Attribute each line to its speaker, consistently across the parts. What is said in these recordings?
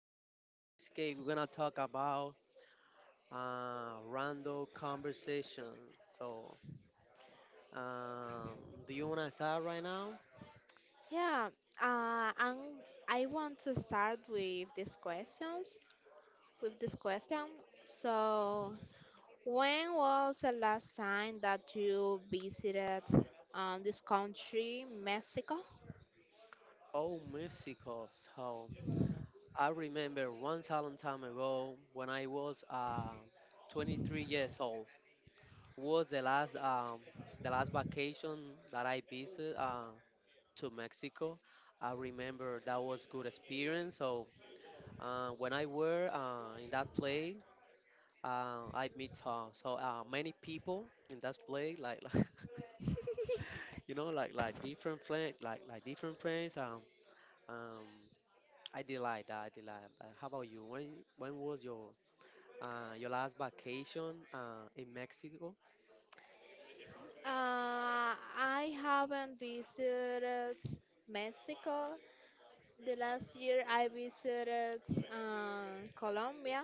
Speaker 1: podcast. So, in this case, we're gonna talk about random conversation. So, um, do you wanna start right now?
Speaker 2: Yeah, and I want to start with these questions. With this question, so when was the last time that you visited this country, Mexico?
Speaker 1: Oh, Mexico. So, I remember once a long time ago when I was 23 years old was the last vacation that I visited to Mexico. I remember that was good experience. So when I were in that play, I meet so many people in that play, like, you know, like different friends, like different friends. Um, I did like that. I did like that. How about you? When was your last vacation in Mexico?
Speaker 2: I haven't visited Mexico. The last year I visited Colombia.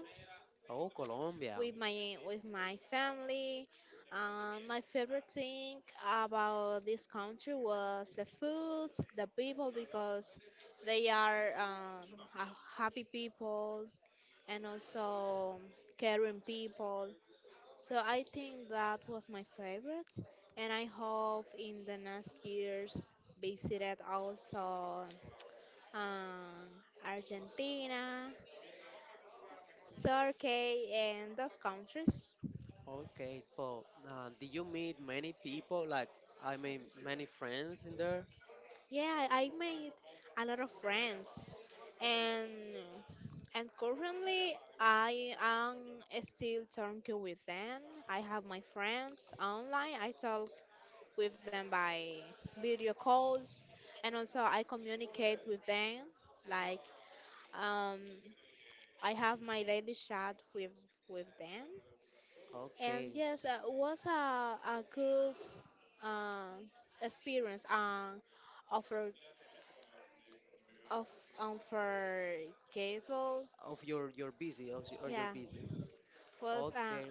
Speaker 1: Oh, Colombia.
Speaker 2: With my family. My favorite thing about this country was the food, the people, because they are happy people and also caring people. So I think that was my favorite, and I hope in the next years visited also um, Argentina, Turkey, and those countries.
Speaker 1: Okay. So, did you meet many people? Like, I mean, many friends in there.
Speaker 2: Yeah, I made a lot of friends, and currently I am still talking with them. I have my friends online. I talk with them by video calls, and also I communicate with them. Like um, I have my daily chat with them, and
Speaker 1: Okay.
Speaker 2: yes, it was a good uh, experience. Of of unforgettable.
Speaker 1: Of your busy, or your
Speaker 2: Yeah,
Speaker 1: busy.
Speaker 2: was
Speaker 1: Okay.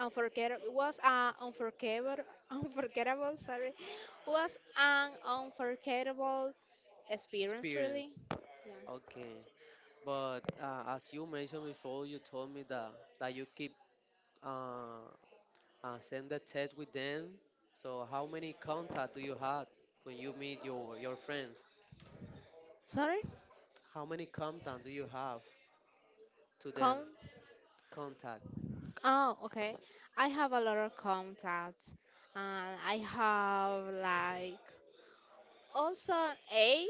Speaker 2: unforgettable. Was unforgettable. Unforgettable. Sorry, was an unforgettable experience. Really.
Speaker 1: Experience.
Speaker 2: Yeah.
Speaker 1: Okay. But as you mentioned before, you told me that you keep uh, send the text with them. So how many contact do you have when you meet your friends?
Speaker 2: Sorry.
Speaker 1: How many contact do you have to them?
Speaker 2: Count.
Speaker 1: Contact.
Speaker 2: Oh, okay. I have a lot of contacts, and I have like also eight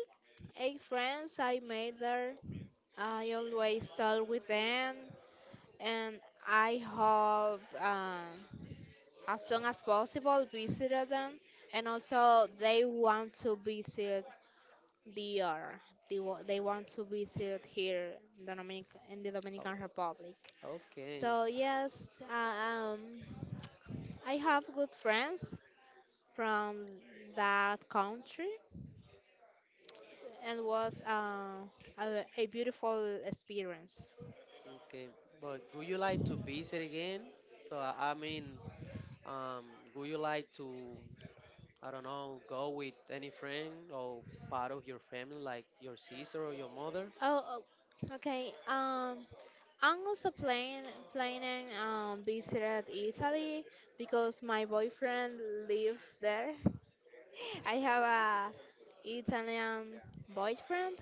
Speaker 2: eight friends I made there. I always talk with them, and I hope. As soon as possible visited them and also they want to visit the DR. They want to visit here in the, in the
Speaker 1: Oh,
Speaker 2: Dominican Republic.
Speaker 1: okay.
Speaker 2: So yes, I have good friends from that country and was a beautiful experience.
Speaker 1: Okay. But would you like to visit again? So I mean, um, would you like to, I don't know, go with any friend or part of your family, like your sister or your mother?
Speaker 2: Oh, oh, okay. I'm also planning visited Italy because my boyfriend lives there. I have a Italian boyfriend,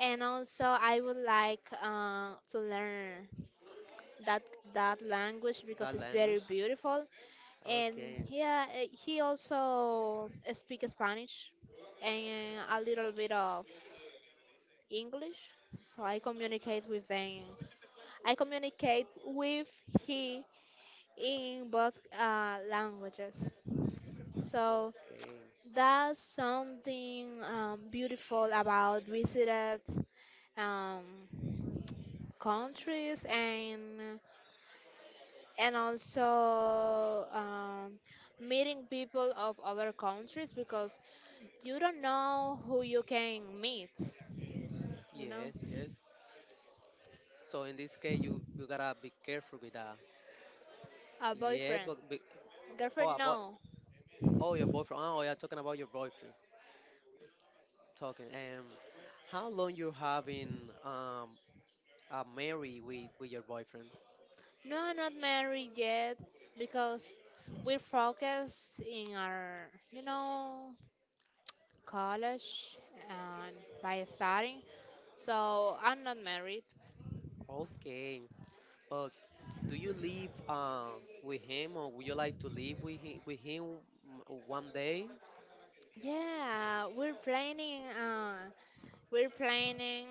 Speaker 2: and also I would like to learn that that language because
Speaker 1: That
Speaker 2: it's very
Speaker 1: language?
Speaker 2: beautiful. And
Speaker 1: Okay.
Speaker 2: yeah, eh, he also speaks Spanish and a little bit of English, so I communicate with them. I communicate with he in both languages. So
Speaker 1: Okay.
Speaker 2: that's something beautiful about visited um, countries and also meeting people of other countries because you don't know who you can meet. You know,
Speaker 1: Yes, yes. So in this case, you gotta be careful with that.
Speaker 2: a
Speaker 1: Yeah,
Speaker 2: boyfriend,
Speaker 1: but be, oh
Speaker 2: girlfriend.
Speaker 1: about
Speaker 2: No,
Speaker 1: oh your boyfriend. Oh, yeah, talking about your boyfriend. Talking. How long you have been married with your boyfriend?
Speaker 2: no, I'm not married yet because we're focused in our, you know, college and by studying. So I'm not married.
Speaker 1: Okay. But do you live with him, or would you like to live with him one day?
Speaker 2: Yeah, we're planning. We're planning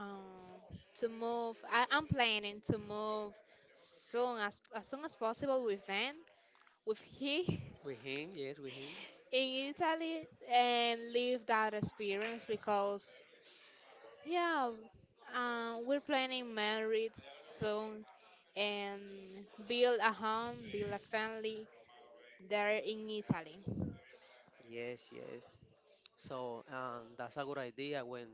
Speaker 2: um, to move. I'm planning to move soon as soon as possible with them, with he
Speaker 1: With him? Yes, with him.
Speaker 2: in Italy, and live that experience because yeah, we're planning married soon and build a home, build a family there in Italy.
Speaker 1: Yes, yes. So that's a good idea when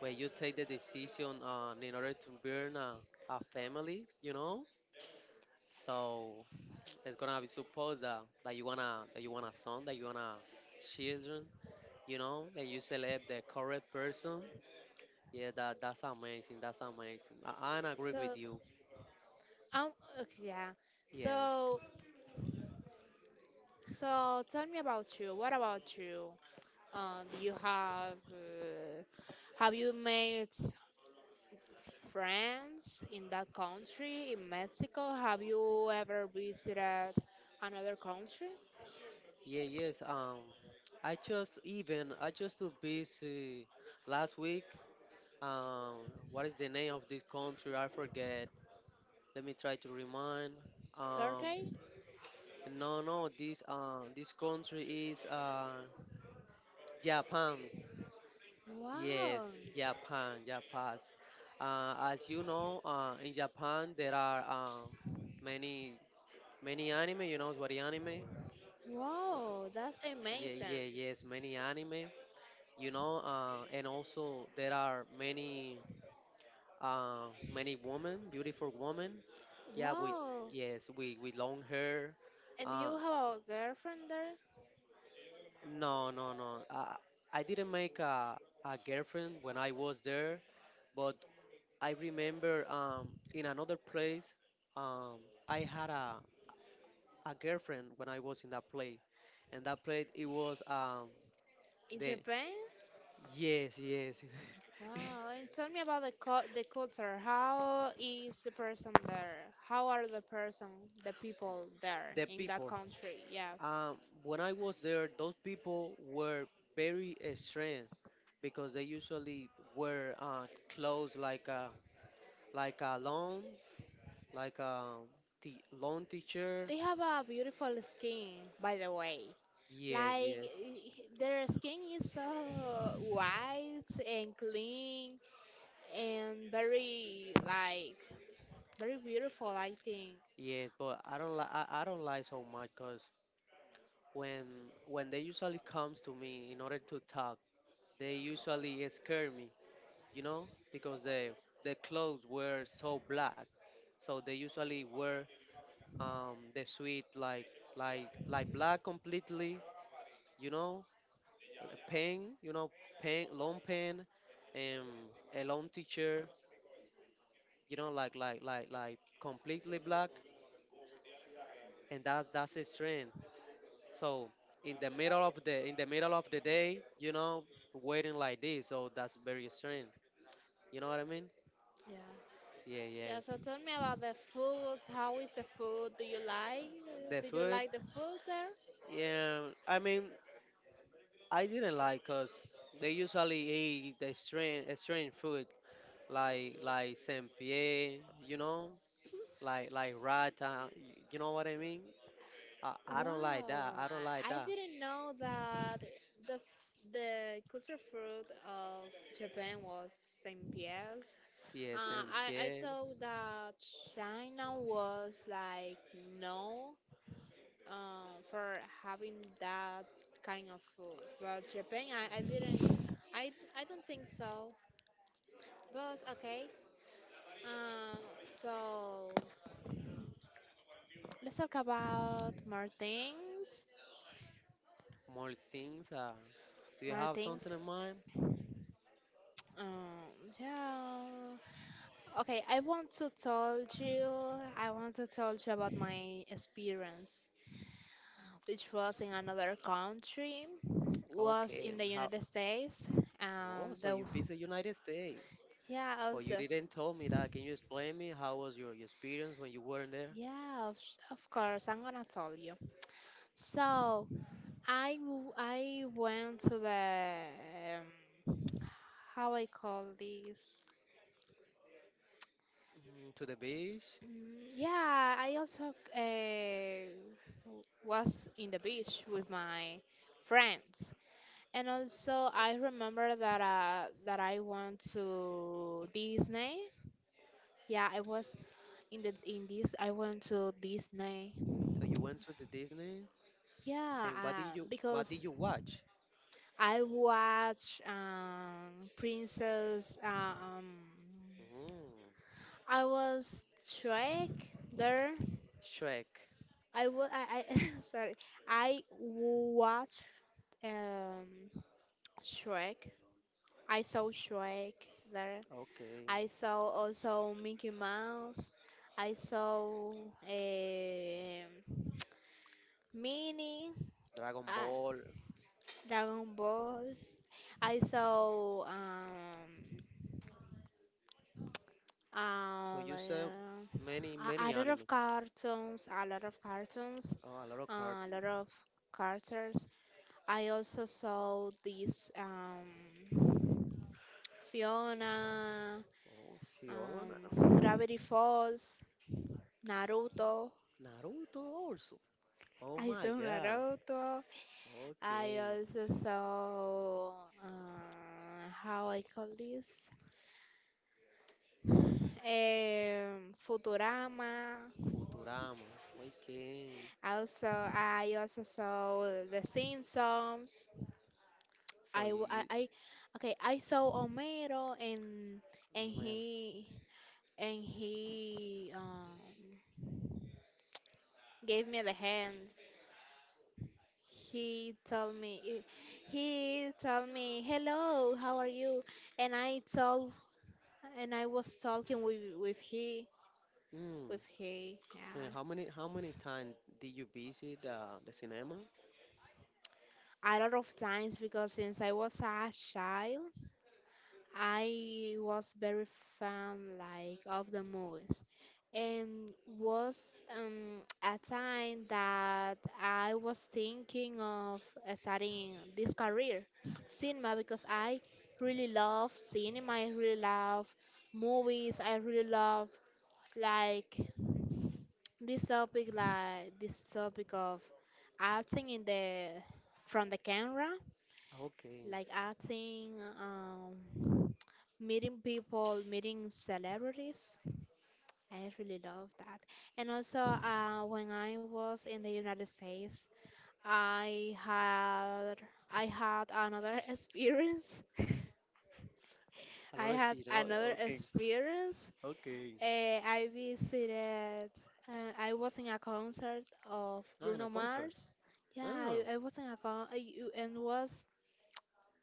Speaker 1: you take the decision on in order to build a family, you know. So it's gonna be supposed that, you wanna that you want a son, that you want to children, you know, and you select the correct person. Yeah, that's amazing. That's amazing. I agree with
Speaker 2: So,
Speaker 1: you.
Speaker 2: um, okay, yeah.
Speaker 1: Yes.
Speaker 2: So, so tell me about you. What about you? Do you have you made friends in that country, in Mexico? Have you ever visited another country,
Speaker 1: Yeah. Yes. I just even I just too busy last week. Um, what is the name of this country? I forget. Let me try to remind. Um,
Speaker 2: Turkey?
Speaker 1: no, no, this this country is Japan. Yes,
Speaker 2: Wow.
Speaker 1: Japan, Japan. As you know, in Japan there are many anime. You know what the anime? Li-
Speaker 2: Wow, that's
Speaker 1: Yeah,
Speaker 2: amazing.
Speaker 1: yeah, yes, many anime. You know, and also there are many uh, many women, beautiful women. Yeah, with
Speaker 2: Wow.
Speaker 1: yes, we with long hair.
Speaker 2: And do
Speaker 1: Uh,
Speaker 2: you have a girlfriend there
Speaker 1: No, no, no. I didn't make a girlfriend when I was there, but I remember in another place, um, I had a girlfriend when I was in that play. And that play, it was
Speaker 2: in
Speaker 1: the.
Speaker 2: Japan?
Speaker 1: Yes, yes.
Speaker 2: Wow, and tell me about the the culture. How is the person there? How are the person, the people there
Speaker 1: The
Speaker 2: in that
Speaker 1: people.
Speaker 2: country? Yeah,
Speaker 1: Um, when I was there, those people were very strange because they usually wear clothes like a long like the loan teacher.
Speaker 2: they have a beautiful skin, by the way.
Speaker 1: Yes,
Speaker 2: Like
Speaker 1: yes,
Speaker 2: their skin is so white and clean and very like very beautiful, I think.
Speaker 1: yes. But I don't like I don't like so much because when when they usually comes to me in order to talk, they usually scare me, you know, because they their clothes were so black, so they usually wear the suit like black completely, you know, you know, pen, long pen, and a long teacher, you know, like completely black. And that's his strength. So in the middle of the day, you know, waiting like this, so that's very strength. You know what I mean?
Speaker 2: Yeah.
Speaker 1: Yeah, yeah.
Speaker 2: Yeah, so tell me about the food. How is the food? Do you like?
Speaker 1: The
Speaker 2: Do you
Speaker 1: food,
Speaker 2: like the food there?
Speaker 1: yeah. I mean, I didn't like cause they usually eat the strange food like saint pierre, you know, like rata. You know what I mean? I don't like that.
Speaker 2: Wow,
Speaker 1: I don't like
Speaker 2: I
Speaker 1: that.
Speaker 2: didn't know that the f- the culture fruit of Japan was same pies.
Speaker 1: CSM
Speaker 2: I
Speaker 1: Pierre.
Speaker 2: thought that China was like no for having that kind of food, but Japan I didn't I don't think so. But okay, uh, so let's talk about more things.
Speaker 1: More things. Do you
Speaker 2: More
Speaker 1: have something
Speaker 2: things.
Speaker 1: in mind?
Speaker 2: Um, yeah. Okay, I want to tell you, I want to tell you about my experience, which was in another country, was
Speaker 1: Okay.
Speaker 2: in the
Speaker 1: How?
Speaker 2: United States, and
Speaker 1: Oh, so
Speaker 2: the
Speaker 1: you visit United States,
Speaker 2: yeah,
Speaker 1: but you
Speaker 2: also
Speaker 1: didn't tell me that. Can you explain me how was your experience when you weren't there?
Speaker 2: yeah, of course, I'm gonna tell you. So I went to the um, how I call this.
Speaker 1: Mm, to the beach.
Speaker 2: Mm, yeah, I also was in the beach with my friends. And also, I remember that that I went to Disney. Yeah, I was in the in this. I went to Disney.
Speaker 1: So you went to the Disney,
Speaker 2: Yeah,
Speaker 1: and what did
Speaker 2: because
Speaker 1: you watch?
Speaker 2: I watch Princess.
Speaker 1: Mm,
Speaker 2: I was Shrek there.
Speaker 1: Shrek.
Speaker 2: I sorry. I watched um Shrek. I saw Shrek there.
Speaker 1: Okay.
Speaker 2: I saw also Mickey Mouse. I saw um Mini,
Speaker 1: Dragon
Speaker 2: uh,
Speaker 1: Ball.
Speaker 2: Dragon Ball. I saw
Speaker 1: So
Speaker 2: um,
Speaker 1: you said
Speaker 2: uh,
Speaker 1: many
Speaker 2: a, a lot of
Speaker 1: anime.
Speaker 2: cartoons,
Speaker 1: Oh, a lot of
Speaker 2: a lot
Speaker 1: cartoon.
Speaker 2: of characters. I also saw this Fiona,
Speaker 1: Oh, Fiona.
Speaker 2: um, Gravity Falls, Naruto.
Speaker 1: Naruto also. Oh
Speaker 2: I
Speaker 1: my
Speaker 2: saw
Speaker 1: God.
Speaker 2: Naruto. I
Speaker 1: Okay.
Speaker 2: also saw how I call this Futurama.
Speaker 1: Futurama. Okay.
Speaker 2: Also, I also saw The Simpsons.
Speaker 1: So
Speaker 2: I,
Speaker 1: you,
Speaker 2: w-
Speaker 1: you
Speaker 2: I- okay. I saw Homero and
Speaker 1: oh man.
Speaker 2: he and he gave me the hand. He told me he told me hello, how are you? And I told and I was talking with he
Speaker 1: Mm.
Speaker 2: with hay. Yeah,
Speaker 1: Man, how many times did you visit the cinema?
Speaker 2: a lot of times because since I was a child, I was very fan like of the movies, and was a time that I was thinking of starting this career, cinema, because I really love cinema. I really love movies. I really love like this topic, like this topic of acting in the from the camera,
Speaker 1: Okay.
Speaker 2: like acting, um, meeting people, meeting celebrities. I really love that. And also, when I was in the United States, I had I had another experience.
Speaker 1: A
Speaker 2: I
Speaker 1: lot of
Speaker 2: had
Speaker 1: kids. Oh,
Speaker 2: another
Speaker 1: okay.
Speaker 2: experience
Speaker 1: Okay.
Speaker 2: I visited, I was in a concert of
Speaker 1: Ah, in a
Speaker 2: Bruno
Speaker 1: concert.
Speaker 2: Mars. Yeah,
Speaker 1: Ah.
Speaker 2: I was in a con I- you- and was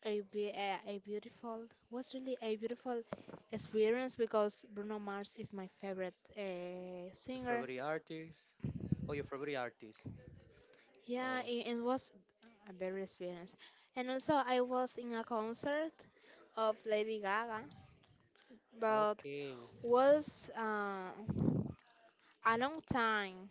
Speaker 2: a beautiful, was really a beautiful experience because Bruno Mars is my favorite
Speaker 1: Your
Speaker 2: singer.
Speaker 1: favorite artist? Oh, your favorite artist.
Speaker 2: Yeah,
Speaker 1: Oh.
Speaker 2: it was a very experience. And also I was in a concert of Lady Gaga, but
Speaker 1: Okay.
Speaker 2: was a long time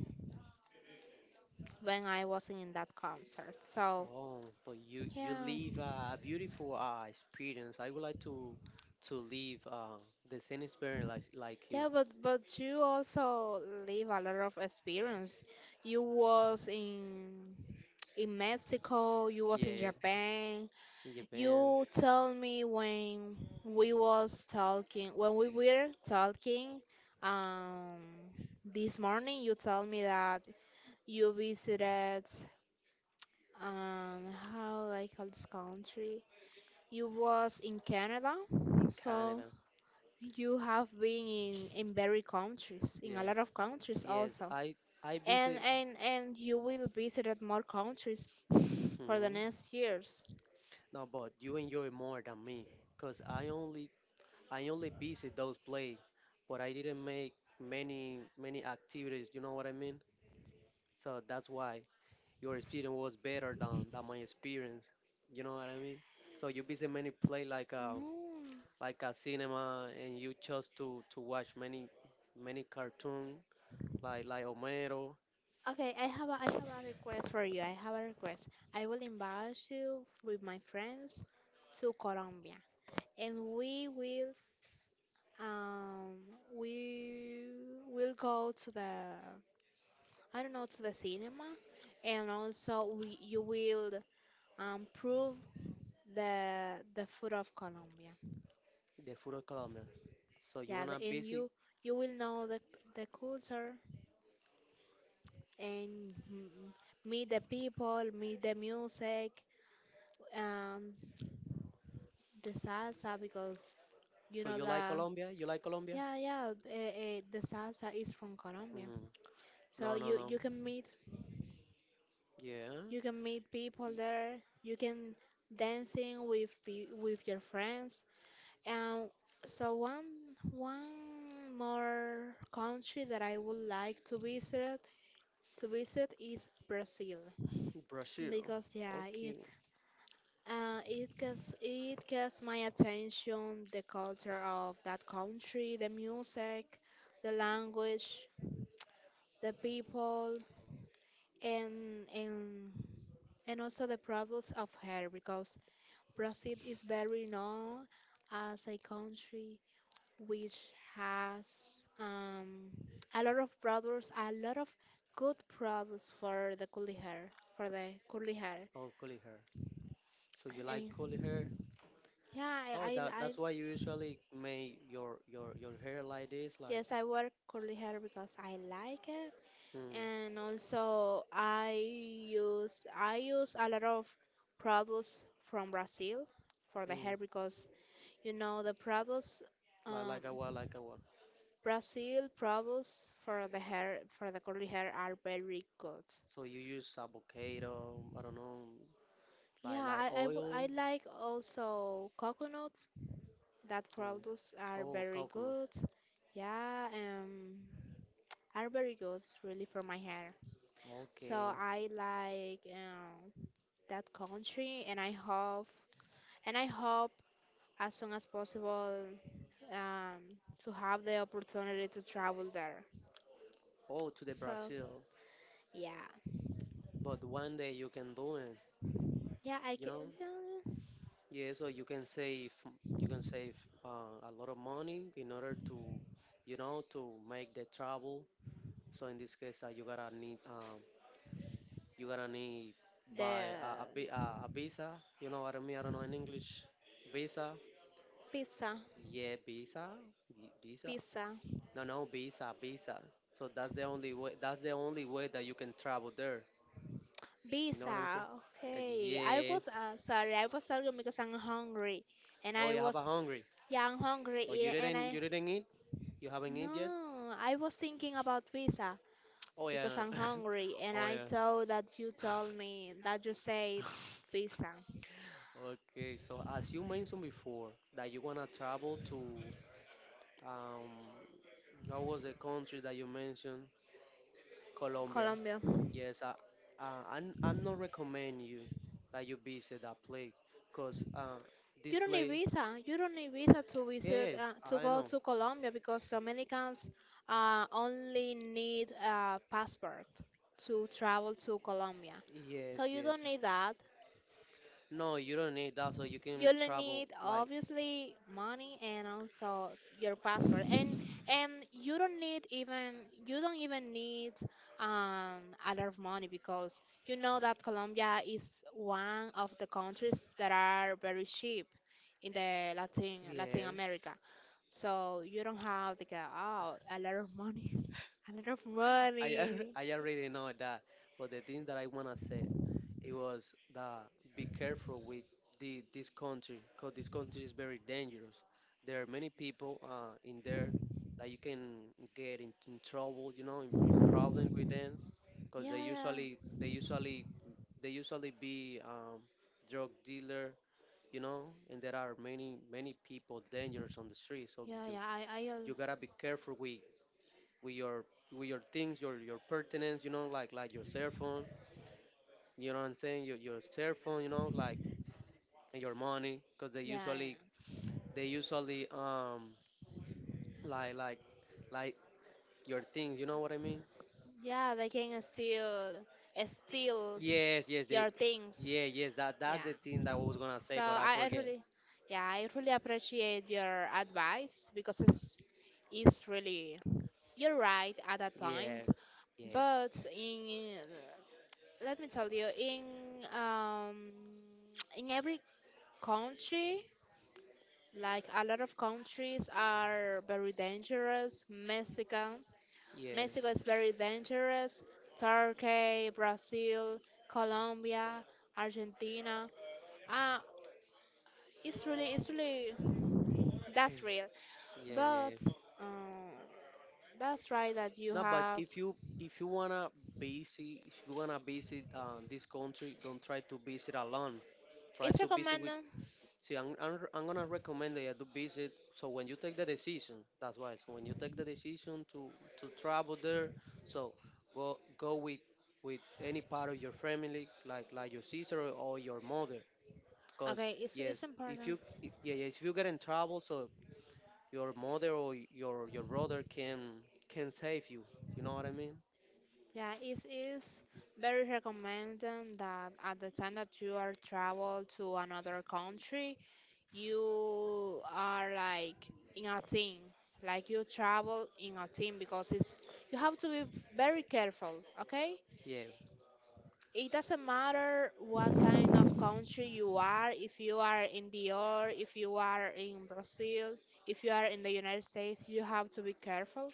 Speaker 2: when I was in that concert. So
Speaker 1: Oh, but you
Speaker 2: yeah,
Speaker 1: live a beautiful experience. I would like to live the same experience like you.
Speaker 2: yeah, but you also live a lot of experience. You was in Mexico, you was in
Speaker 1: Yeah,
Speaker 2: Japan.
Speaker 1: in Japan,
Speaker 2: You told me when when we were talking, um, this morning, you told me that you visited, um, how I call this country. You was in Canada,
Speaker 1: in
Speaker 2: so.
Speaker 1: Canada.
Speaker 2: You have been in very countries, in a
Speaker 1: Yeah,
Speaker 2: lot of countries
Speaker 1: yes.
Speaker 2: also.
Speaker 1: I
Speaker 2: And,
Speaker 1: visit.
Speaker 2: and you will visit more countries
Speaker 1: Mhm.
Speaker 2: for the next years.
Speaker 1: No, but you enjoy more than me, cause I only visit those play, but I didn't make many activities. You know what I mean? So that's why. Your experience was better than my experience. You know what I mean? So you visit many place
Speaker 2: No.
Speaker 1: like a cinema, and you chose to watch many cartoon like Homero,
Speaker 2: Okay, I have a request for you. I have a request. I will invite you with my friends to Colombia, and um we will go to the I don't know to the cinema, and also we you will prove the food of Colombia.
Speaker 1: the food of Colombia. So you
Speaker 2: Yeah,
Speaker 1: wanna
Speaker 2: the, and
Speaker 1: visit?
Speaker 2: you will know the culture and meet the people, meet the music, um, the salsa because you
Speaker 1: So
Speaker 2: know
Speaker 1: you like
Speaker 2: the
Speaker 1: Colombia?
Speaker 2: yeah yeah the salsa is from Colombia.
Speaker 1: Hmm.
Speaker 2: So
Speaker 1: No, no, no.
Speaker 2: you can meet
Speaker 1: Yeah,
Speaker 2: people there. You can dancing with with your friends and so one more country that I would like to visit is Brazil
Speaker 1: Brazil.
Speaker 2: because yeah, it
Speaker 1: Okay.
Speaker 2: it gets my attention the culture of that country, the music, the language, the people, and also the products of hair because Brazil is very known as a country which has a lot of products, a lot of good products for the curly hair, for the curly hair.
Speaker 1: Oh, curly hair. So you like
Speaker 2: And
Speaker 1: curly hair?
Speaker 2: yeah,
Speaker 1: Oh,
Speaker 2: I
Speaker 1: that's why you usually make your hair like this, like.
Speaker 2: yes, I wear curly hair because I like it,
Speaker 1: Mm.
Speaker 2: and also I use a lot of products from Brazil for the
Speaker 1: Mm.
Speaker 2: hair because you know the products um,
Speaker 1: Like a what,
Speaker 2: Brazil products for the hair for the curly hair are very good.
Speaker 1: So you use avocado, I don't know,
Speaker 2: Yeah,
Speaker 1: like
Speaker 2: I
Speaker 1: oil.
Speaker 2: like also coconut that
Speaker 1: Mm.
Speaker 2: products are
Speaker 1: Oh,
Speaker 2: very
Speaker 1: coconut.
Speaker 2: good. Yeah, are very good really for my hair. So
Speaker 1: Okay.
Speaker 2: I like that country, and I hope and I hope as soon as possible um, to have the opportunity to travel there.
Speaker 1: Oh, to the
Speaker 2: So
Speaker 1: Brazil.
Speaker 2: yeah,
Speaker 1: But one day you can do it,
Speaker 2: yeah, I
Speaker 1: you
Speaker 2: can
Speaker 1: know?
Speaker 2: yeah,
Speaker 1: Yeah, so you can save you can save a lot of money in order to, you know, to make the travel. So in this case, you gotta need
Speaker 2: the
Speaker 1: buy a, a visa. You know what I mean? I don't know in English. Visa.
Speaker 2: pizza,
Speaker 1: Yeah, visa, visa.
Speaker 2: pizza.
Speaker 1: No, no, visa, visa. So that's the only way. That's the only way that you can travel there. You know what I'm saying?
Speaker 2: Pizza. Okay. I
Speaker 1: Yes.
Speaker 2: was sorry. I was talking because I'm hungry, and
Speaker 1: Oh,
Speaker 2: I
Speaker 1: you have
Speaker 2: was
Speaker 1: a hungry.
Speaker 2: yeah, I'm hungry,
Speaker 1: Oh, you
Speaker 2: yeah, and
Speaker 1: didn't.
Speaker 2: I
Speaker 1: You didn't eat. You haven't eat yet.
Speaker 2: no, I was thinking about pizza
Speaker 1: Oh
Speaker 2: because
Speaker 1: yeah.
Speaker 2: I'm hungry, and
Speaker 1: Oh
Speaker 2: I
Speaker 1: yeah.
Speaker 2: thought that you told me that you said pizza,
Speaker 1: Okay. So as you mentioned before, that you wanna travel to um, what was the country that you mentioned? Colombia.
Speaker 2: Colombia.
Speaker 1: Yes, I'm not recommend you that you visit that play, cause
Speaker 2: You
Speaker 1: this
Speaker 2: don't need
Speaker 1: play,
Speaker 2: visa. You don't need visa to
Speaker 1: yeah,
Speaker 2: visit
Speaker 1: yes,
Speaker 2: to
Speaker 1: I
Speaker 2: go
Speaker 1: know.
Speaker 2: to Colombia because Dominicans only need a passport to travel to Colombia. So
Speaker 1: Yes,
Speaker 2: you
Speaker 1: yes.
Speaker 2: don't need that.
Speaker 1: No, you don't need that, so you can
Speaker 2: You'll
Speaker 1: travel
Speaker 2: need
Speaker 1: like
Speaker 2: obviously money and also your password, and you don't need even you don't even need a lot of money because you know that Colombia is one of the countries that are very cheap in the Latin
Speaker 1: yes.
Speaker 2: America, so you don't have to get oh a lot of money, a lot of money.
Speaker 1: I already know that, but the thing that I wanna say, it was that be careful with the, this country, cause this country is very dangerous. There are many people in there that you can get in trouble, you know, in problem with them, cause
Speaker 2: Yeah, yeah.
Speaker 1: they usually be drug dealer, you know, and there are many people dangerous on the street. So
Speaker 2: Yeah, yeah. I al-
Speaker 1: you gotta be careful with with your with your things, your pertinence, you know, like your cell phone. You know what I'm saying? Your cell phone, you know, like and your money, because
Speaker 2: Yeah,
Speaker 1: they usually like like your things. You know what I mean?
Speaker 2: yeah, yeah. They can steal, steal
Speaker 1: Yes, yes, they.
Speaker 2: your things.
Speaker 1: Yeah, yes, that's
Speaker 2: Yeah.
Speaker 1: the thing that I was gonna say,
Speaker 2: So
Speaker 1: but I
Speaker 2: I
Speaker 1: forget.
Speaker 2: really, yeah, I really appreciate your advice because it's really you're right at that point.
Speaker 1: Yes, yes,
Speaker 2: But in let me tell you, um in every country, like a lot of countries are very dangerous. Mexico, Mexico is
Speaker 1: yes.
Speaker 2: very dangerous. Turkey, Brazil, Colombia, Argentina. Uh, it's really, it's really, that's real.
Speaker 1: Yeah, yeah,
Speaker 2: But
Speaker 1: yeah.
Speaker 2: um, that's right that you
Speaker 1: No, but
Speaker 2: have.
Speaker 1: if you wanna visit, if you wanna visit this country, don't try to visit alone. Try
Speaker 2: It's
Speaker 1: to visit with.
Speaker 2: recommended.
Speaker 1: See, I'm gonna recommend that you do visit. So when you take the decision, that's why. So when you take the decision to travel there, so go with any part of your family, like your sister or your mother. Cause
Speaker 2: Okay,
Speaker 1: yes,
Speaker 2: it's
Speaker 1: if
Speaker 2: important.
Speaker 1: you yeah, yeah if you get in trouble, so your mother or your brother can save you. You know what I mean?
Speaker 2: Yeah, it is very recommended that at the time that you are travel to another country, you are like in a team, like you travel in a team because it's you have to be very careful, okay.
Speaker 1: Yeah.
Speaker 2: It doesn't matter what kind of country you are, if you are in Dior, if you are in Brazil, if you are in the United States, you have to be careful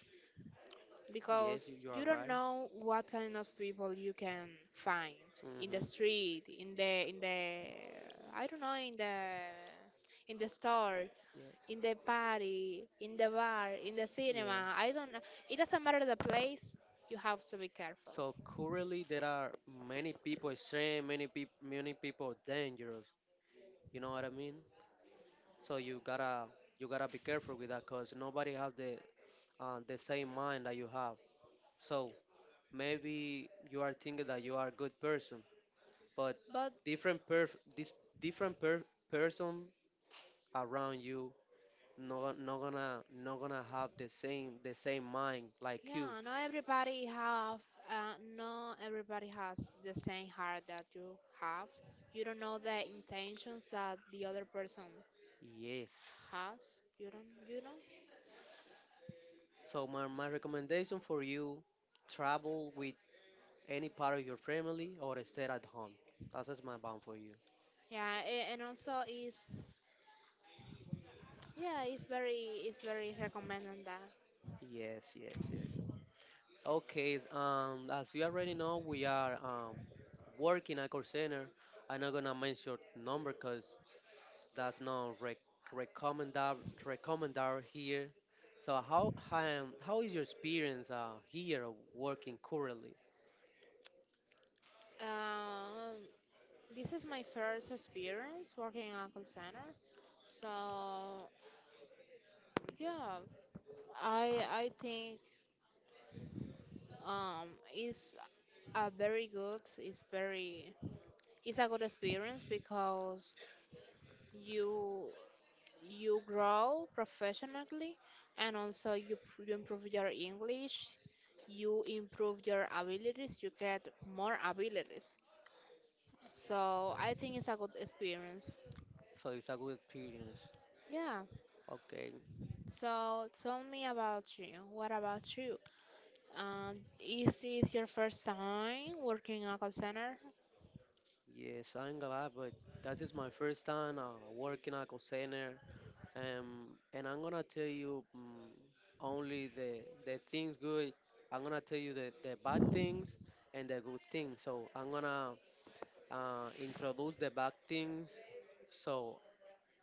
Speaker 1: Yes,
Speaker 2: because
Speaker 1: you
Speaker 2: you
Speaker 1: are
Speaker 2: don't
Speaker 1: right.
Speaker 2: know what kind of people you can find in the
Speaker 1: Mhm.
Speaker 2: street, in the I don't know, in the store,
Speaker 1: Yes.
Speaker 2: in the party, in the bar, in the
Speaker 1: Yeah.
Speaker 2: cinema. I don't know. It doesn't matter the place, you have to be careful.
Speaker 1: So currently there are many people extreme, many people dangerous. You know what I mean? So you gotta be careful with that, cause nobody have the same mind that you have. So maybe you are thinking that you are a good person, but
Speaker 2: But
Speaker 1: different per this different per person around you no not gonna have the same mind like you.
Speaker 2: yeah, not everybody have, not everybody has the same heart that you have. You don't know the intentions that the other person
Speaker 1: Yes.
Speaker 2: has. You don't, you know.
Speaker 1: So my recommendation for you travel with any part of your family or stay at home. That's just my bound for you.
Speaker 2: Yeah, and also is, yeah, it's very recommended that.
Speaker 1: Yes, yes, yes. Okay, as you already know, we are working at call center. I'm not gonna mention number because that's not recommendable here. So how is your experience here of working currently?
Speaker 2: Um, This is my first experience working in a call center. So yeah, I think um it's a very good, it's very it's a good experience because you you grow professionally and also you you improve your English, you improve your abilities, you get more abilities. So I think it's a good experience.
Speaker 1: So it's a good experience.
Speaker 2: Yeah.
Speaker 1: Okay,
Speaker 2: So tell me about you. What about you? Is this your first time working in a call center?
Speaker 1: yes, I'm glad, but that is my first time working at call center. um, and I'm gonna tell you only the things good. I'm gonna tell you the bad things and the good things. So I'm gonna introduce the bad things. So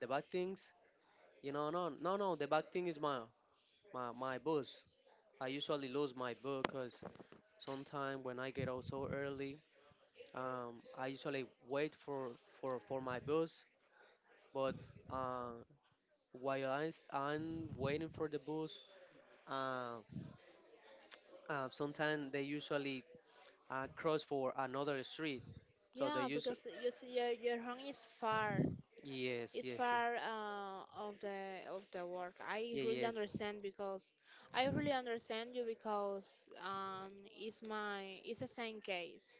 Speaker 1: the bad things, no, no, no. The bad thing is my my bus. I usually lose my bus because sometimes when I get out so early, I usually wait for for my bus, but uh, while I am waiting for the bus, uh, sometimes they usually cross for another street, so they
Speaker 2: Yeah,
Speaker 1: use
Speaker 2: because you see, your home is far.
Speaker 1: yes,
Speaker 2: It's
Speaker 1: yes, yes,
Speaker 2: far of the work. I
Speaker 1: yeah,
Speaker 2: really
Speaker 1: yes.
Speaker 2: understand because I really understand you because it's my it's the same case.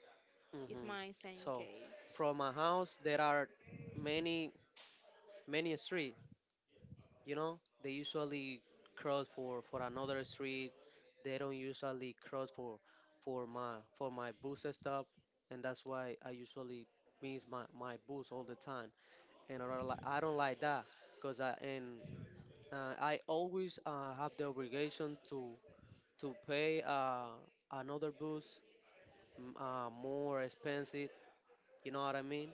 Speaker 2: It's
Speaker 1: hmm
Speaker 2: my same
Speaker 1: So
Speaker 2: case.
Speaker 1: from my house there are many many street. You know they usually cross for another street. They don't usually cross for my for my bus stop, and that's why I usually miss my bus all the time. And I don't like that because I and I always have the obligation to pay another bus more expensive. You know what I mean?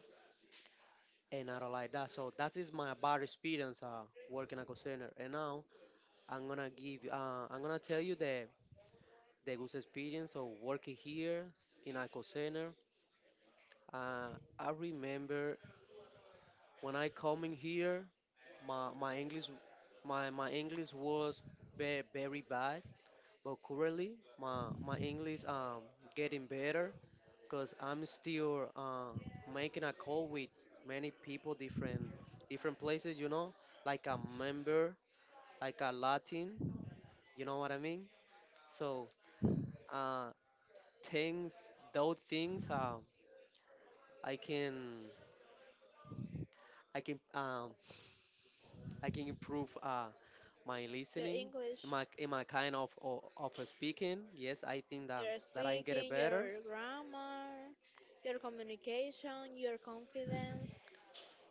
Speaker 1: And I don't like that. So that is my bad experience working at call center. And now I'm gonna tell you the good experience of working here in a center. Uh, I remember when I come in here, my my English my English was very very bad. But currently, my English getting better because I'm still making a call with many people, different places. You know, like a member, like a Latin. You know what I mean? So uh, things, those things, I can I can um, I can improve my
Speaker 2: Your
Speaker 1: listening. Am
Speaker 2: English,
Speaker 1: my am I kind of of speaking? Yes, I think that
Speaker 2: your
Speaker 1: that I can get it
Speaker 2: speaking,
Speaker 1: better.
Speaker 2: your grammar, your communication, your confidence.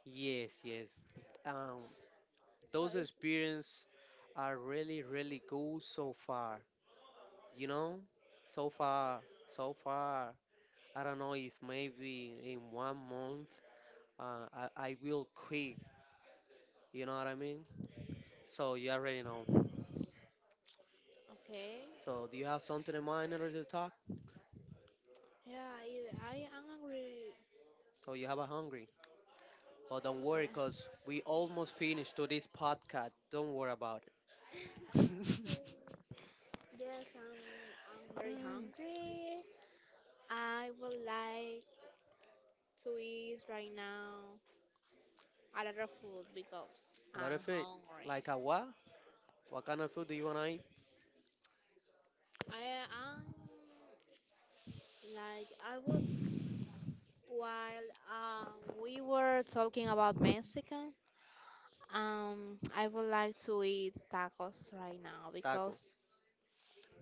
Speaker 1: Yes, yes. Um,
Speaker 2: So
Speaker 1: those
Speaker 2: it's
Speaker 1: experience are really really good so far, you know, so far so far I don't know if maybe in one month I will quit. You know what I mean, so you already know.
Speaker 2: okay.
Speaker 1: So do you have something in mind in order to talk?
Speaker 2: Yeah, I am hungry.
Speaker 1: So you have a hungry, but don't
Speaker 2: Yeah.
Speaker 1: worry because we almost finished to this podcast. Don't worry about
Speaker 2: Mm,
Speaker 1: it.
Speaker 2: yes, I'm very
Speaker 1: Mm,
Speaker 2: hungry. I would like to eat right now a lot of food because
Speaker 1: a lot of
Speaker 2: I'm
Speaker 1: food.
Speaker 2: hungry.
Speaker 1: Like a what kind of food do you want to eat?
Speaker 2: I am like I was while we were talking about Mexican. I would like to eat tacos right now
Speaker 1: Taco,
Speaker 2: because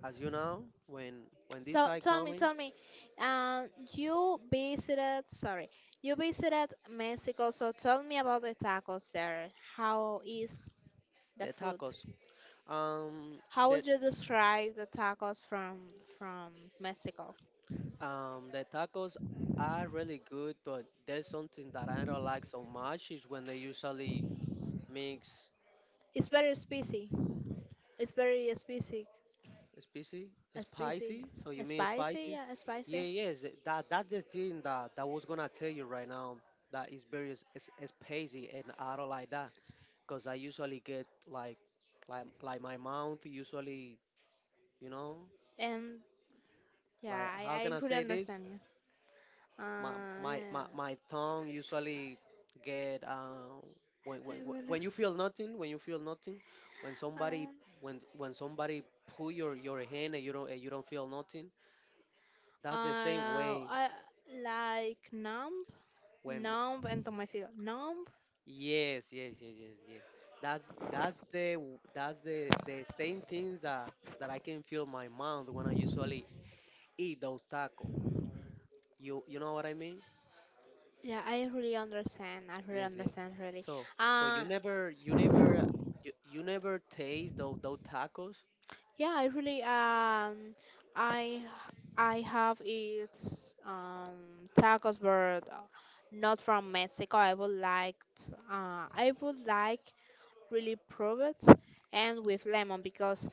Speaker 1: as you know, when this
Speaker 2: So
Speaker 1: time coming
Speaker 2: tell me, uh, you visited, sorry, you visited Mexico. So tell me about the tacos there. How is the
Speaker 1: the
Speaker 2: food?
Speaker 1: tacos um
Speaker 2: How
Speaker 1: that
Speaker 2: would you describe the tacos from Mexico?
Speaker 1: The tacos are really good, but there's something that I don't like so much is when they usually mix.
Speaker 2: It's very spicy. It's very spicy,
Speaker 1: Spicy,
Speaker 2: spicy,
Speaker 1: spicy. So you mean
Speaker 2: spicy,
Speaker 1: spicy?
Speaker 2: yeah,
Speaker 1: Yeah,
Speaker 2: spicy.
Speaker 1: yes. That that's the thing that that was gonna tell you right now. That is very spicy, and I don't like that because I usually get like my mouth usually, you know,
Speaker 2: And
Speaker 1: like
Speaker 2: yeah,
Speaker 1: how can
Speaker 2: I
Speaker 1: I
Speaker 2: really
Speaker 1: say this?
Speaker 2: understand you. Yeah.
Speaker 1: My tongue usually get when, when
Speaker 2: I
Speaker 1: when when you
Speaker 2: will.
Speaker 1: feel nothing. When somebody,
Speaker 2: Uh,
Speaker 1: when somebody pull your hand and you don't, feel nothing, that's the same way
Speaker 2: I like numb,
Speaker 1: when
Speaker 2: numb, and Tomasito. Numb.
Speaker 1: yes, yes, yes, yes, yes. That's that's the same things that that I can feel my mouth when I usually eat those tacos. You know what I mean?
Speaker 2: Yeah, I really understand. I really
Speaker 1: Yes, yes.
Speaker 2: understand. Really.
Speaker 1: So, so you
Speaker 2: Uh,
Speaker 1: never, you never, you never taste those tacos
Speaker 2: yeah, I really I I have eat tacos, but not from Mexico. I would like I would like really prove it and with lemon because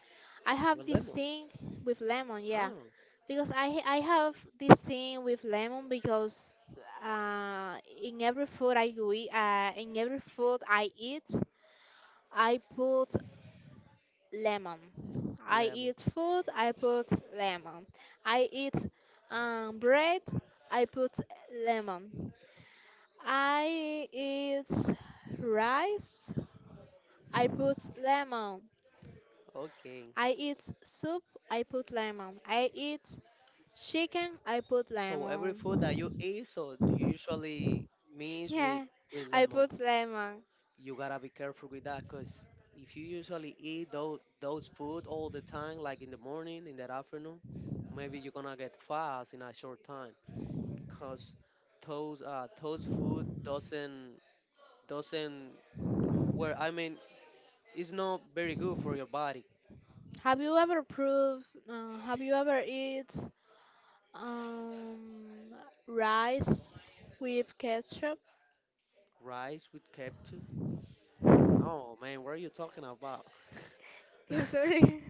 Speaker 2: I have
Speaker 1: with
Speaker 2: this
Speaker 1: lemon.
Speaker 2: thing with lemon. Yeah,
Speaker 1: Oh,
Speaker 2: because I have this thing with lemon because uh, in every food I go eat, in every food I eat, I put lemon. I
Speaker 1: lemon.
Speaker 2: eat food, I put lemon. I eat bread, I put lemon. I eat rice, I put lemon.
Speaker 1: Okay.
Speaker 2: I eat soup, I put lemon. I eat chicken, I put
Speaker 1: So every food
Speaker 2: lemon.
Speaker 1: that you eat, so you usually mix
Speaker 2: Yeah,
Speaker 1: with
Speaker 2: I
Speaker 1: lemon.
Speaker 2: put lemon.
Speaker 1: You gotta be careful with that, cause if you usually eat those food all the time, like in the morning, in the afternoon, maybe you're gonna get fast in a short time, cause those food doesn't doesn't well, I mean it's not very good for your body.
Speaker 2: Have you ever proved? Have you ever eat um, rice with ketchup?
Speaker 1: Rice with capture? No, man, what are you talking about?
Speaker 2: Sorry,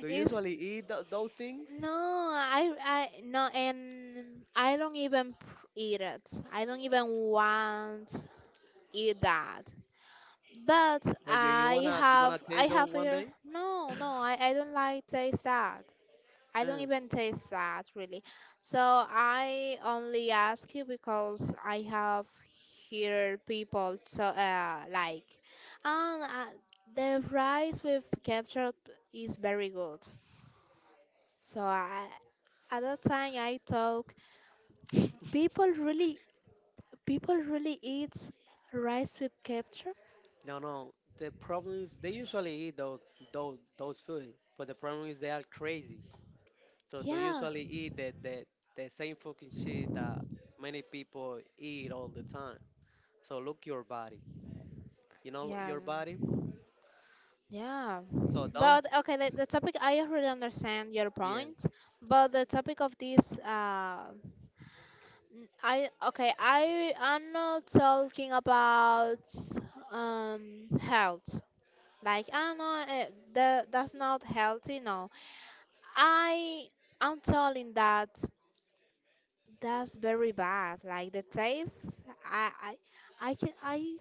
Speaker 1: Do you
Speaker 2: it's
Speaker 1: usually eat those things?
Speaker 2: no. I no, and I don't even eat it. I don't even want eat that. But
Speaker 1: But you, you wanna
Speaker 2: I
Speaker 1: taste them
Speaker 2: have
Speaker 1: one
Speaker 2: here.
Speaker 1: day?
Speaker 2: No, no, I don't like taste that. I don't
Speaker 1: Mm,
Speaker 2: even taste that really. So I only ask you because I have heard people so like and the rice with ketchup is very good. So I, at that time I thought people really people really eat rice with ketchup?
Speaker 1: no, no. The problem is they usually eat those those food, but the problem is they are crazy. So don't
Speaker 2: Yeah.
Speaker 1: usually eat the same fucking shit that many people eat all the time. So look your body. You know
Speaker 2: Yeah.
Speaker 1: your body.
Speaker 2: Yeah,
Speaker 1: So don't
Speaker 2: but okay, the topic I already understand your
Speaker 1: yes.
Speaker 2: point, but the topic of this, I okay, I'm not talking about health. Like I know that that's not healthy. No, I I'm telling that that's very bad. Like the taste, I I I can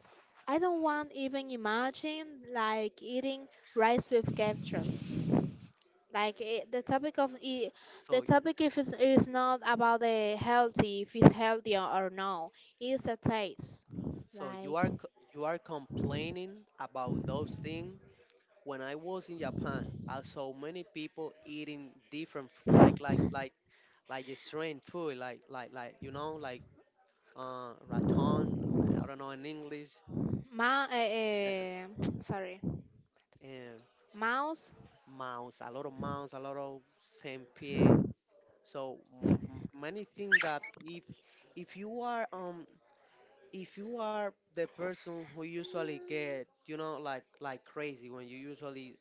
Speaker 2: I don't want even imagine like eating rice with ketchup. Like it, the topic of it, the
Speaker 1: So
Speaker 2: topic if it's, is not about the healthy, if it's healthy or no, it's a taste.
Speaker 1: so
Speaker 2: Like
Speaker 1: you are you are complaining about those things. When I was in Japan, I saw many people eating different like the strange food like you know like raton. I don't know in English
Speaker 2: ma,
Speaker 1: uh,
Speaker 2: sorry,
Speaker 1: and
Speaker 2: mouse.
Speaker 1: mouse, a lot of mouse, a lot of saint pierre. So many things that if you are um if you are the person who usually get, you know, like crazy when you usually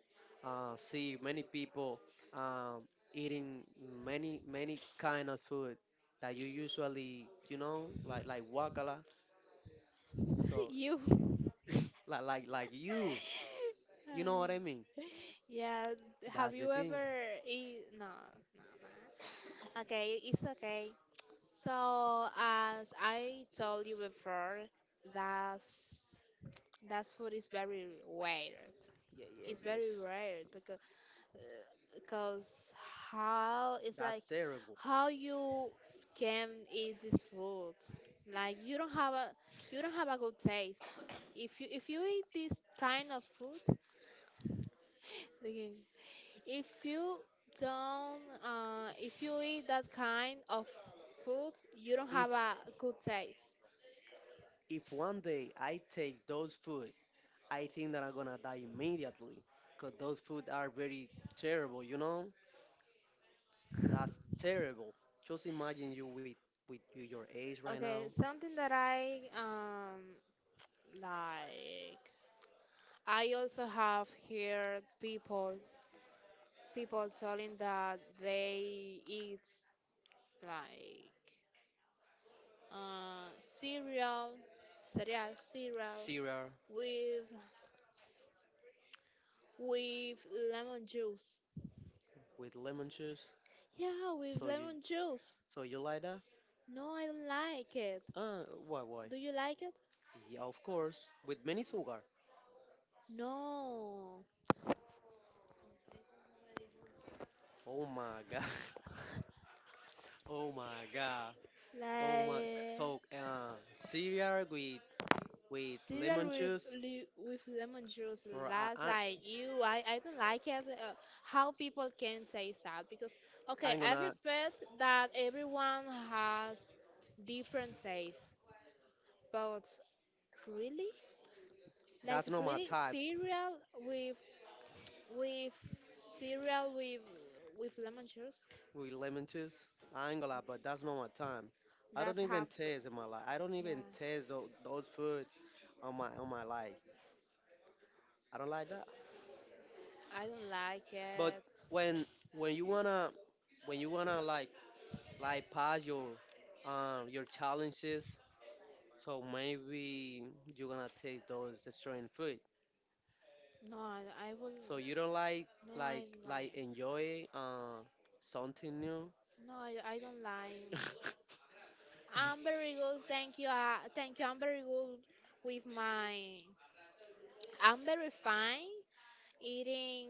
Speaker 1: see many people um, eating many many kind of food that you usually, you know, like wakala. So
Speaker 2: you.
Speaker 1: like you know what I mean?
Speaker 2: Uh, yeah. Have
Speaker 1: That's the
Speaker 2: you
Speaker 1: thing.
Speaker 2: ever eat? No. Okay, it's okay. So as I told you before, that's that food is very weird.
Speaker 1: Yeah, yeah,
Speaker 2: It's very
Speaker 1: yes,
Speaker 2: weird because how it's
Speaker 1: that's
Speaker 2: like
Speaker 1: terrible.
Speaker 2: how you can eat this food, like you don't have a you don't have a good taste if you eat this kind of food, okay, if you don't if you eat that kind of food you don't
Speaker 1: if
Speaker 2: have a good taste.
Speaker 1: if one day I take those food, I think that I'm gonna die immediately because those food are very terrible, you know? That's terrible. Just imagine you with your age right now,
Speaker 2: Okay, something that I like I also have heard people people telling that they eat like cereal, cereal, cereal
Speaker 1: cereal
Speaker 2: with with lemon juice.
Speaker 1: with lemon juice.
Speaker 2: Yeah, with
Speaker 1: So you
Speaker 2: lemon juice.
Speaker 1: so you like that?
Speaker 2: No, I don't like it.
Speaker 1: Why why?
Speaker 2: Do you like it?
Speaker 1: Yeah, of course, with many sugar.
Speaker 2: No.
Speaker 1: Oh my god. Oh my god. Oh my. So
Speaker 2: Like,
Speaker 1: cereal with
Speaker 2: cereal
Speaker 1: lemon
Speaker 2: with
Speaker 1: juice.
Speaker 2: with lemon juice.
Speaker 1: Bro,
Speaker 2: That's like you. I don't like it. How people can taste that because okay,
Speaker 1: I'm
Speaker 2: I
Speaker 1: gonna.
Speaker 2: respect that everyone has different tastes, but really, like
Speaker 1: That's not my
Speaker 2: really,
Speaker 1: type.
Speaker 2: cereal with with cereal with lemon juice.
Speaker 1: With lemon juice. I ain't gonna lie, but that's not my time. I don't
Speaker 2: That's
Speaker 1: even
Speaker 2: how.
Speaker 1: taste in my life. I don't
Speaker 2: Yeah,
Speaker 1: even taste those food on my life. I don't like that.
Speaker 2: I don't like
Speaker 1: But
Speaker 2: it.
Speaker 1: when when you wanna when you wanna like pass your challenges, so maybe you're gonna taste those strange food.
Speaker 2: No, I will.
Speaker 1: So you don't
Speaker 2: No, I don't
Speaker 1: like
Speaker 2: like.
Speaker 1: enjoy something new.
Speaker 2: No, I don't like. I'm very good, thank you. Thank you. I'm very good with my. I'm very fine eating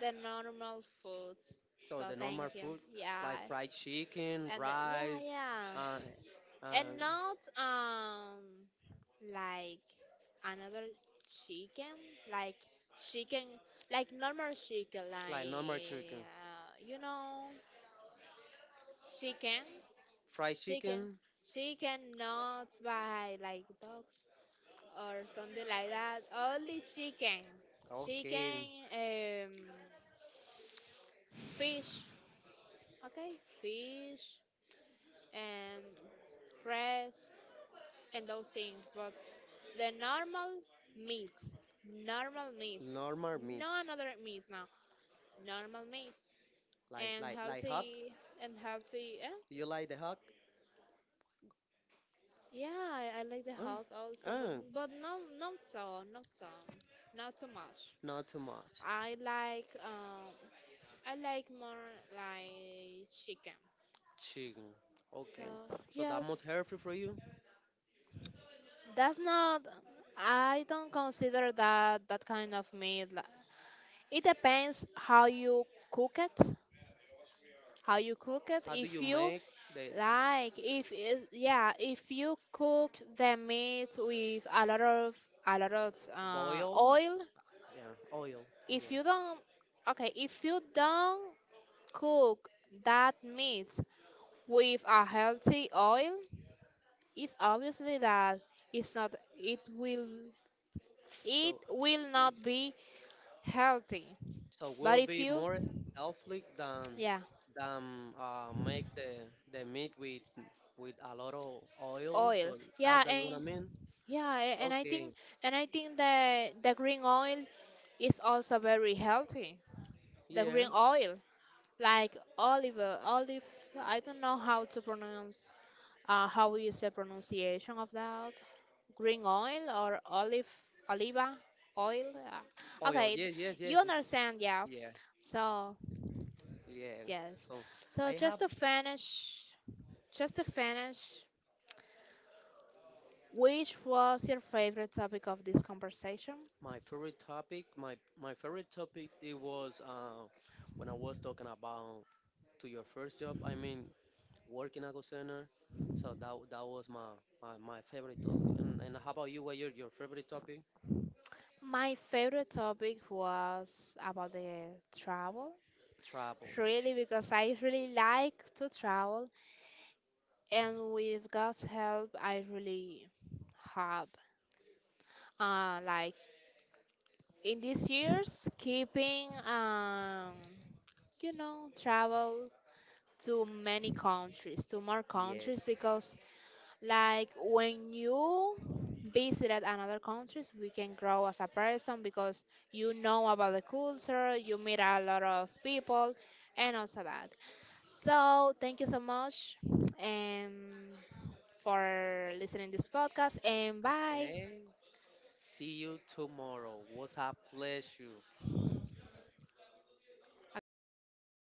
Speaker 2: the normal foods.
Speaker 1: So
Speaker 2: So
Speaker 1: the normal
Speaker 2: thank you.
Speaker 1: food like
Speaker 2: Yeah.
Speaker 1: fried chicken,
Speaker 2: And yeah,
Speaker 1: rice,
Speaker 2: yeah.
Speaker 1: uh, uh,
Speaker 2: And not like another chicken, like chicken, like normal chicken,
Speaker 1: like normal
Speaker 2: like
Speaker 1: chicken,
Speaker 2: you know, chicken,
Speaker 1: fried
Speaker 2: chicken,
Speaker 1: chicken.
Speaker 2: chicken, not by like dogs. Or something like that. Only chicken, chicken,
Speaker 1: Okay,
Speaker 2: fish, okay, fish and rice and those things. But the meat, normal meat,
Speaker 1: normal meat.
Speaker 2: no another meat now. Normal meat
Speaker 1: Like
Speaker 2: and
Speaker 1: hog.
Speaker 2: healthy and healthy. Eh?
Speaker 1: Do you like the hog?
Speaker 2: Yeah, I like the
Speaker 1: Uh,
Speaker 2: Hulk also,
Speaker 1: uh,
Speaker 2: but no, not so, not so, not so much.
Speaker 1: Not too much.
Speaker 2: I like um I like more like chicken.
Speaker 1: Chicken.
Speaker 2: So
Speaker 1: Okay. So that most
Speaker 2: yes,
Speaker 1: healthy for you.
Speaker 2: that's not. I don't consider that that kind of meat. Li- it depends how you cook it. How you cook it.
Speaker 1: How do
Speaker 2: If
Speaker 1: you
Speaker 2: you
Speaker 1: make the
Speaker 2: like, if it, yeah, if you cook the meat with a lot of
Speaker 1: boil?
Speaker 2: oil.
Speaker 1: Yeah, oil. Yeah.
Speaker 2: If you don't, okay, if you don't cook that meat with a healthy oil, it's obviously that it's not it will it
Speaker 1: So,
Speaker 2: will not be healthy.
Speaker 1: so
Speaker 2: But
Speaker 1: we'll
Speaker 2: if
Speaker 1: be
Speaker 2: you
Speaker 1: more healthy
Speaker 2: yeah,
Speaker 1: than make the meat with a lot of oil.
Speaker 2: oil.
Speaker 1: So that's
Speaker 2: Yeah,
Speaker 1: that you wanna
Speaker 2: and
Speaker 1: mean?
Speaker 2: yeah, and I think
Speaker 1: Okay.
Speaker 2: that the green oil is also very healthy. The
Speaker 1: Yeah.
Speaker 2: green oil, like olive I don't know how to pronounce how is the pronunciation of that? Green oil or olive oliva oil?
Speaker 1: Oil.
Speaker 2: Okay,
Speaker 1: Yes. Yes.
Speaker 2: you
Speaker 1: Yes. It's,
Speaker 2: understand, yeah.
Speaker 1: yeah.
Speaker 2: So
Speaker 1: Yeah.
Speaker 2: yes.
Speaker 1: So
Speaker 2: So
Speaker 1: I have s-
Speaker 2: just to finish, which was your favorite topic of this conversation?
Speaker 1: my favorite topic. My favorite topic it was when I was talking about to your first job. I mean working at a center. So that that was my favorite topic. And how about you? What your favorite topic?
Speaker 2: My favorite topic was about the travel,
Speaker 1: Trouble.
Speaker 2: really, because I really like to travel, and with God's help, I really have, like in these years, keeping, you know, travel to many countries, to more
Speaker 1: Yes.
Speaker 2: countries, because like when you visit at another countries we can grow as a person because you know about the culture, you meet a lot of people and also that. So thank you so much and for listening this podcast and bye.
Speaker 1: Okay. See you tomorrow. Was a pleasure.
Speaker 2: Okay.